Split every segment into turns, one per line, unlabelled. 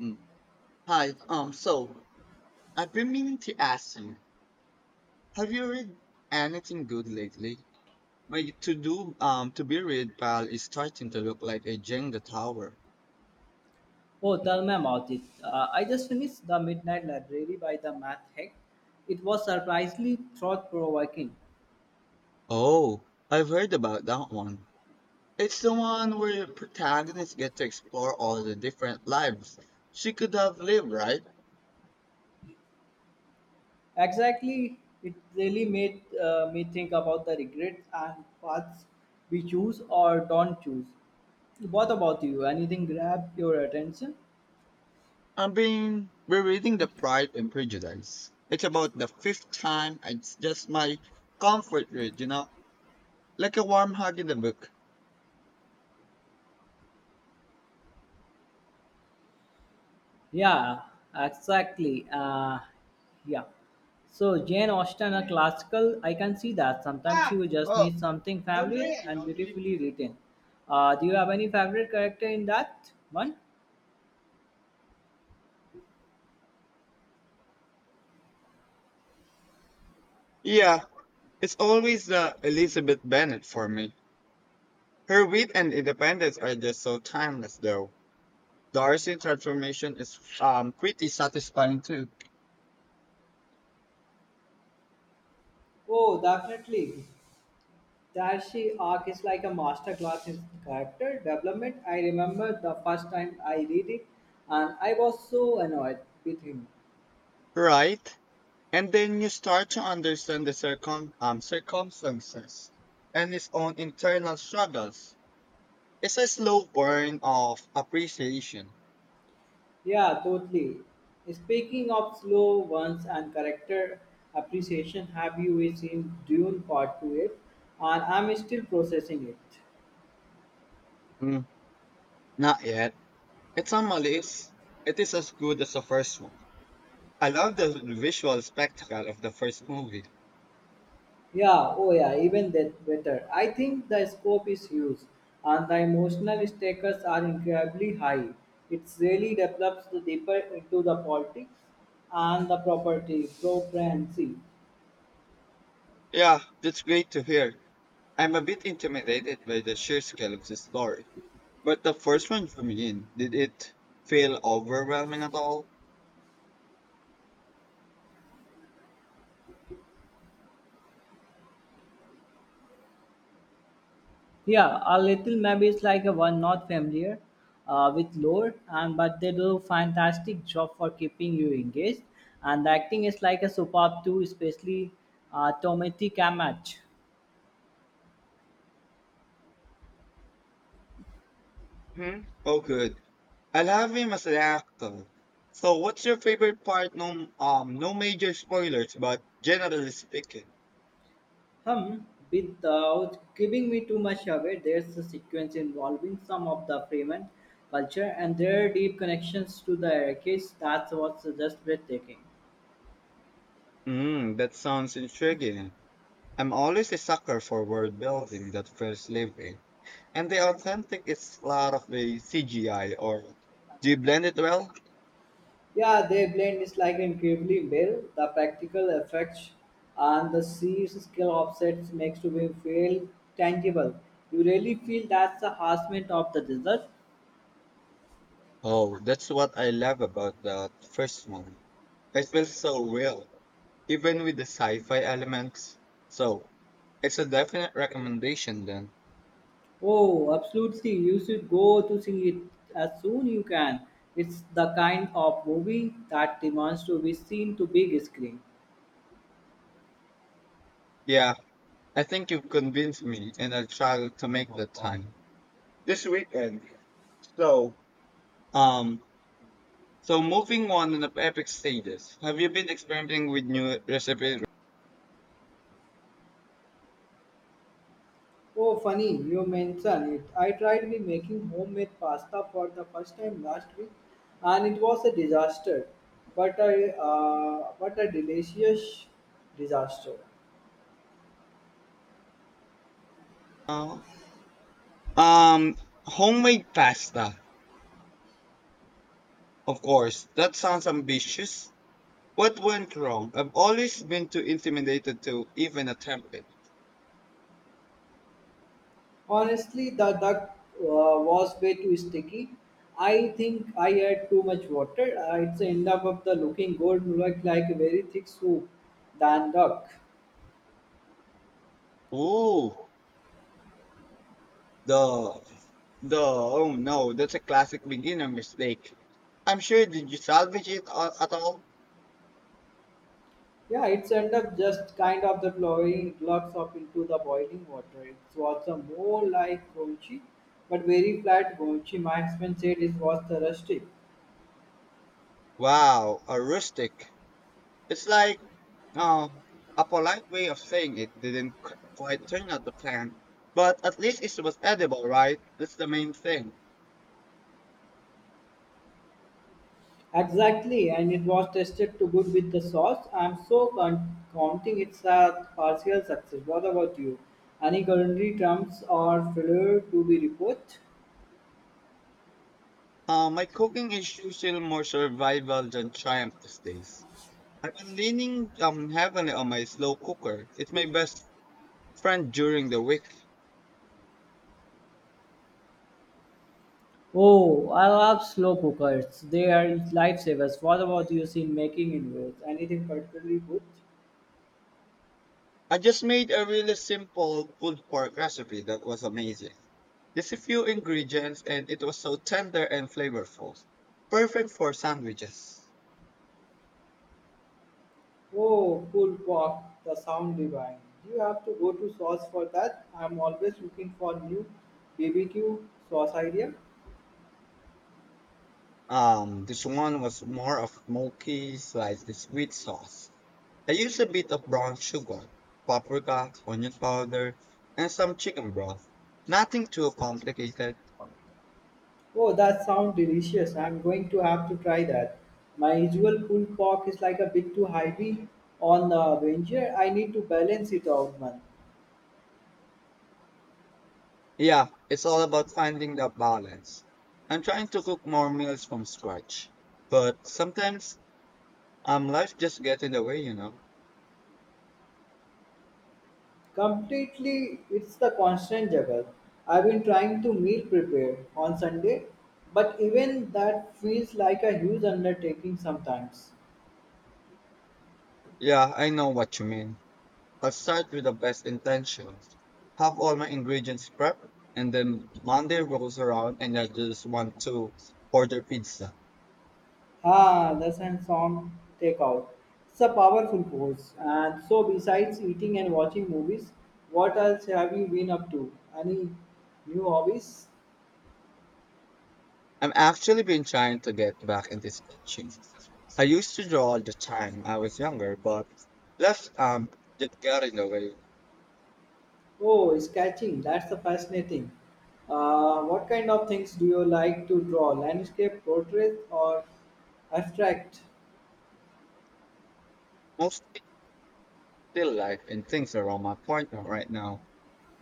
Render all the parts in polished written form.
Mm. Hi. So I've been meaning to ask you, have you read anything good lately? My to be read pile is starting to look like a Jenga tower.
Oh, tell me about it. I just finished The Midnight Library by the Math Hack. It was surprisingly thought provoking.
Oh, I've heard about that one. It's the one where protagonists get to explore all the different lives she could have lived, right?
Exactly, it really made me think about the regrets and paths we choose or don't choose. What about you? Anything grab your attention?
I've been rereading The Pride and Prejudice. It's about the fifth time. It's just my comfort read, like a warm hug in the book.
Yeah, exactly. Yeah. So Jane Austen, a classical, I can see that. Sometimes
Ah.
you just
Oh.
need something familiar and beautifully written. Do you have any favorite character in that one?
Yeah, it's always the Elizabeth Bennet for me. Her wit and independence are just so timeless, though. Darcy's transformation is pretty satisfying too,
Oh, definitely. Darcy arc is like a masterclass in character development. I remember the first time I read it, and I was so annoyed with him.
right? And then you start to understand the circumstances and his own internal struggles. It's a slow burn of appreciation.
Yeah, totally. Speaking of slow ones and character appreciation, have you seen Dune Part 2 yet? And I'm still processing it.
Mm, not yet. It's on my list. It is as good as the first one. I love the visual spectacle of the first movie.
Yeah, oh yeah, even that better. I think the scope is huge and the emotional stakes are incredibly high. It really develops the deeper into the politics and the property, pro-brancy.
Yeah, that's great to hear. I'm a bit intimidated by the sheer scale of the story. But the first one drew me in. Did it feel overwhelming at all?
Yeah, a little maybe it's like a one not familiar with lore, and but they do fantastic job for keeping you engaged. And the acting is like a superb too, especially Tomati Kamach.
Hmm? Oh, good. I love him as an actor. So, what's your favorite part? No major spoilers, but generally speaking.
Hmm. Without giving me too much away, there's a sequence involving some of the Freeman culture and their deep connections to the Iraqis. That was just breathtaking.
Hmm, that sounds intriguing. I'm always a sucker for world building that feels living. And the authentic is a lot of the CGI, or do you blend it well?
Yeah, they blend is like incredibly well. The practical effects and the sheer scale of sets makes to be feel tangible. You really feel that's the harassment of the desert.
Oh, that's what I love about that first one. It feels so real, even with the sci-fi elements. So, it's a definite recommendation then.
Oh, absolutely. You should go to see it as soon you can. It's the kind of movie that demands to be seen to big screen.
Yeah, I think you've convinced me and I'll try to make the time. This weekend. So, um, so moving on in the epic stages. Have you been experimenting with new recipes?
Oh, funny, you mention it. I tried me making homemade pasta for the first time last week, and it was a disaster. But a delicious disaster.
Now? Um, homemade pasta. Of course, that sounds ambitious. What went wrong? I've always been too intimidated to even attempt it.
Honestly, the duck was way too sticky. I think I had too much water. It's ended up the looking good, looked like a very thick soup than duck.
Ooh, the the oh no, that's a classic beginner mistake. I'm sure did you salvage at all?
Yeah, it's end up just kind of the blowing blobs up into the boiling water. It was a more like golchi, but very flat golchi. My husband said it was the rustic.
Wow, a rustic. It's like uh, a polite way of saying it didn't quite turn out the plan, but at least it was edible, right? That's the main thing.
Exactly, and it was tasted too good with the sauce. Counting it's a partial success. What about you? Any culinary terms or failure to be reported?
My cooking is usually more survival than triumph these days. I've been leaning heavily on my slow cooker. It's my best friend during the week.
Oh, I love slow cookers. They are lifesavers. What about you in making? Making inroads. Anything particularly good?
I just made a really simple pulled pork recipe that was amazing. Just a few ingredients and it was so tender and flavorful. Perfect for sandwiches.
Oh, cool walk, the sound divine. You have to go to sauce for that. I'm always looking for new BBQ sauce idea.
This one was more of smoky, slightly sweet sauce. I used a bit of brown sugar, paprika, onion powder, and some chicken broth. Nothing too complicated.
Oh, that sounds delicious. I'm going to have to try that. My usual cool pork is like a bit too heavy on the Avenger. I need to balance it out, man.
Yeah, it's all about finding that balance. I'm trying to cook more meals from scratch, but sometimes life just gets in the way.
Completely, it's the constant juggle. I've been trying to meal prepare on Sunday, but even that feels like a huge undertaking sometimes.
Yeah, I know what you mean. I'll start with the best intentions, have all my ingredients prepped, and then Monday rolls around and I just want to order pizza.
Ah, the and song takeout. It's a powerful pose. And so, besides eating and watching movies, what else have you been up to? Any new hobbies?
I'm actually been trying to get back into sketching. I used to draw all the time I was younger, but life just got in the way.
Oh, sketching. That's the fascinating. What kind of things do you like to draw? Landscape, portrait, or abstract?
Most still life and things around my partner right now.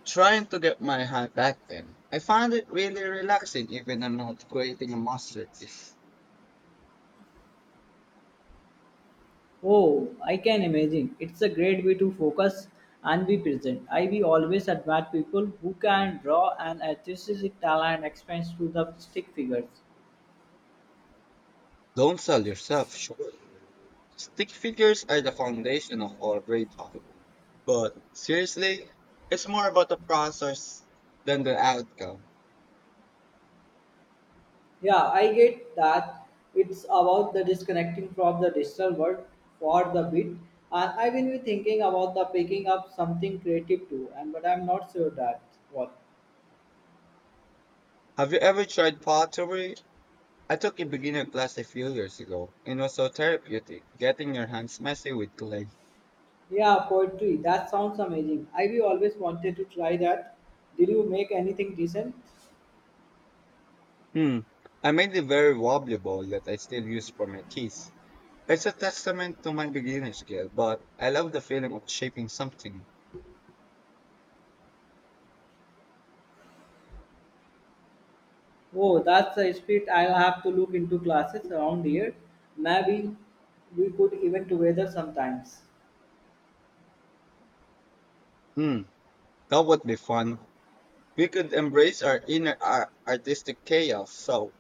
Trying to get my hand back in. I find it really relaxing even I'm not creating a masterpiece.
Oh, I can imagine. It's a great way to focus and be present. I will always admire people who can draw and artistic talent expands to the stick figures.
Don't sell yourself short. Stick figures are the foundation of all great art. But seriously, it's more about the process than the outcome.
Yeah, I get that it's about the disconnecting from the digital world for the bit. And I will be thinking about the picking up something creative too, and but I'm not sure that what.
Have you ever tried pottery? I took a beginner class a few years ago and it was so therapeutic, getting your hands messy with clay.
Yeah, poetry. That sounds amazing. I We always wanted to try that. Did you make anything decent?
Hmm. I made a very wobbly ball that I still use for my teeth. It's a testament to my beginner skill, but I love the feeling of shaping something.
Oh, that's a spirit. I'll have to look into classes around here. Maybe we could even together sometimes.
Hmm. That would be fun. We could embrace our inner artistic chaos. So,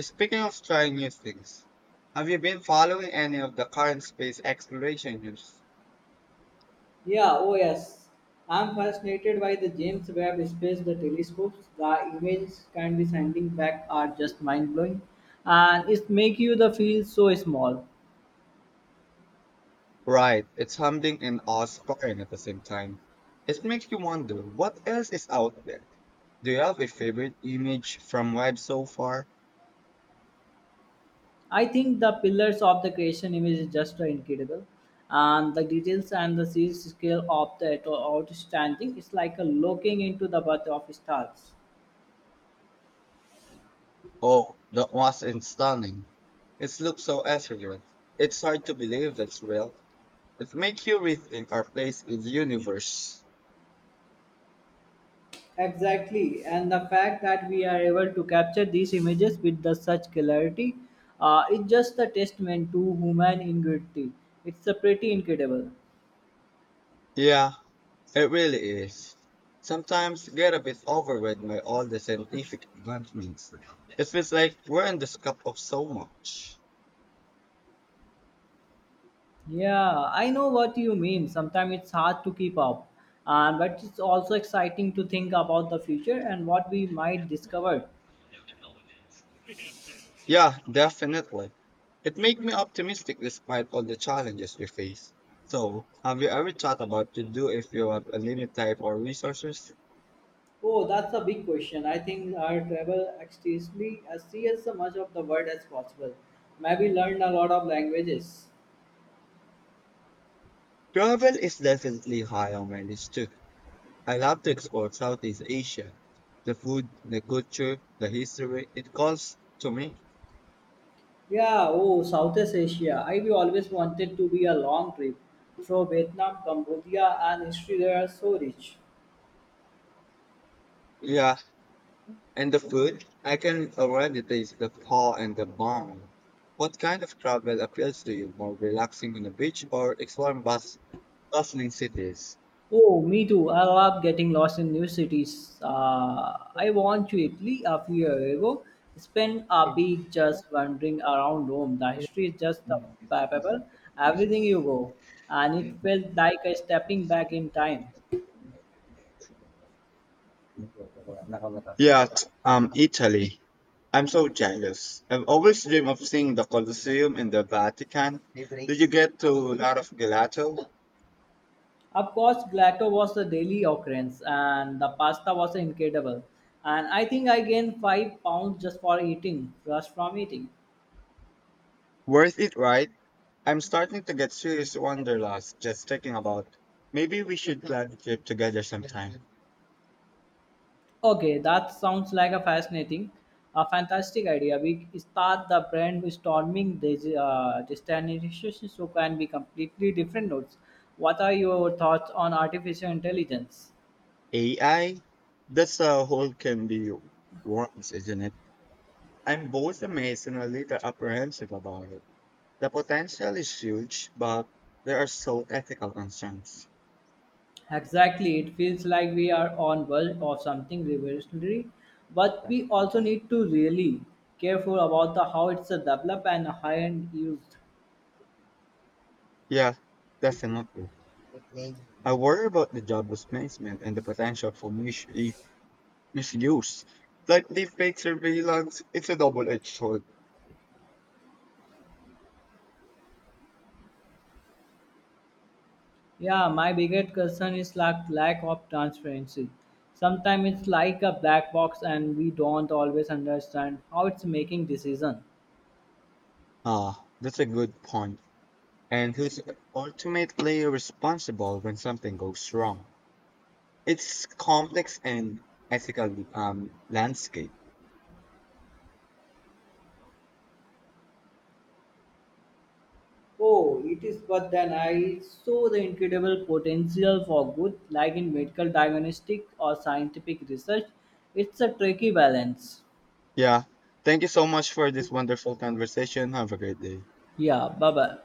speaking of trying new things, have you been following any of the current space exploration news?
Yeah, oh yes. I'm fascinated by the James Webb Space the telescopes. The images can be sending back are just mind blowing, and it make you the feel so small.
Right, it's humbling and awe-inspiring at the same time. It makes you wonder what else is out there. Do you have a favorite image from Web so far?
I think the pillars of the creation image is just incredible, and the details and the size scale of the outstanding. It's like a looking into the birth of stars.
Oh, that was in stunning. It looks so effortless. It's hard to believe it's real. It makes you rethink our place in the universe.
Exactly, and the fact that we are able to capture these images with the such clarity, is just a testament to human ingenuity. It's a pretty incredible.
Yeah, it really is. Sometimes get a bit overwhelmed by all the scientific advancements. It feels like we're in the scope of so much.
Yeah, I know what you mean. Sometimes it's hard to keep up, but it's also exciting to think about the future and what we might discover.
Yeah, definitely. It makes me optimistic despite all the challenges we face. So, have you ever thought about to do if you have unlimited time or resources?
Oh, that's a big question. I think our travel extensively as see as much of the world as possible. Maybe learn a lot of languages.
Travel is definitely high on my list too. I love to explore Southeast Asia. The food, the culture, the history, it calls to me.
Yeah, oh, Southeast Asia. I've always wanted to be a long trip. So Vietnam, Cambodia, and history there are so rich.
Yeah, and the food, I can already taste the pho and the banh. What kind of travel appeals to you? More relaxing on the beach or exploring bustling cities?
Oh, me too. I love getting lost in new cities. I went to Italy a few years ago. Spent a week just wandering around Rome. The history is just the paper, everything you go, and it felt like a stepping back in time.
Italy. I'm so jealous. I've always dreamed of seeing the Colosseum in the Vatican. Did you get to a lot of gelato?
Of course, gelato was a daily occurrence, and the pasta was incredible. And I think I gained 5 pounds just for eating, just from eating.
Worth it, right? I'm starting to get serious wanderlust just thinking about. Maybe we should plan a trip together sometime.
Okay, that sounds like a fantastic idea. We start the brand storming this destination, so can be completely different notes. What are your thoughts on artificial intelligence?
AI? That's a whole can be worms, isn't it? I'm both amazed and a little apprehensive about it. The potential is huge, but there are so ethical concerns.
Exactly, it feels like we are on verge of something revolutionary, but we also need to really careful about the how it's developed and high end used.
Yeah, definitely. I worry about the job displacement and the potential for misuse. Like deepfake surveillance, it's a double-edged sword.
Yeah, my biggest concern is lack of transparency. Sometimes it's like a black box, and we don't always understand how it's making decision.
Ah, that's a good point. And who's ultimately responsible when something goes wrong? It's complex and ethical landscape.
Oh, it is. But then I saw the incredible potential for good, like in medical diagnostic or scientific research. It's a tricky balance.
Yeah. Thank you so much for this wonderful conversation. Have a great day.
Yeah, bye bye.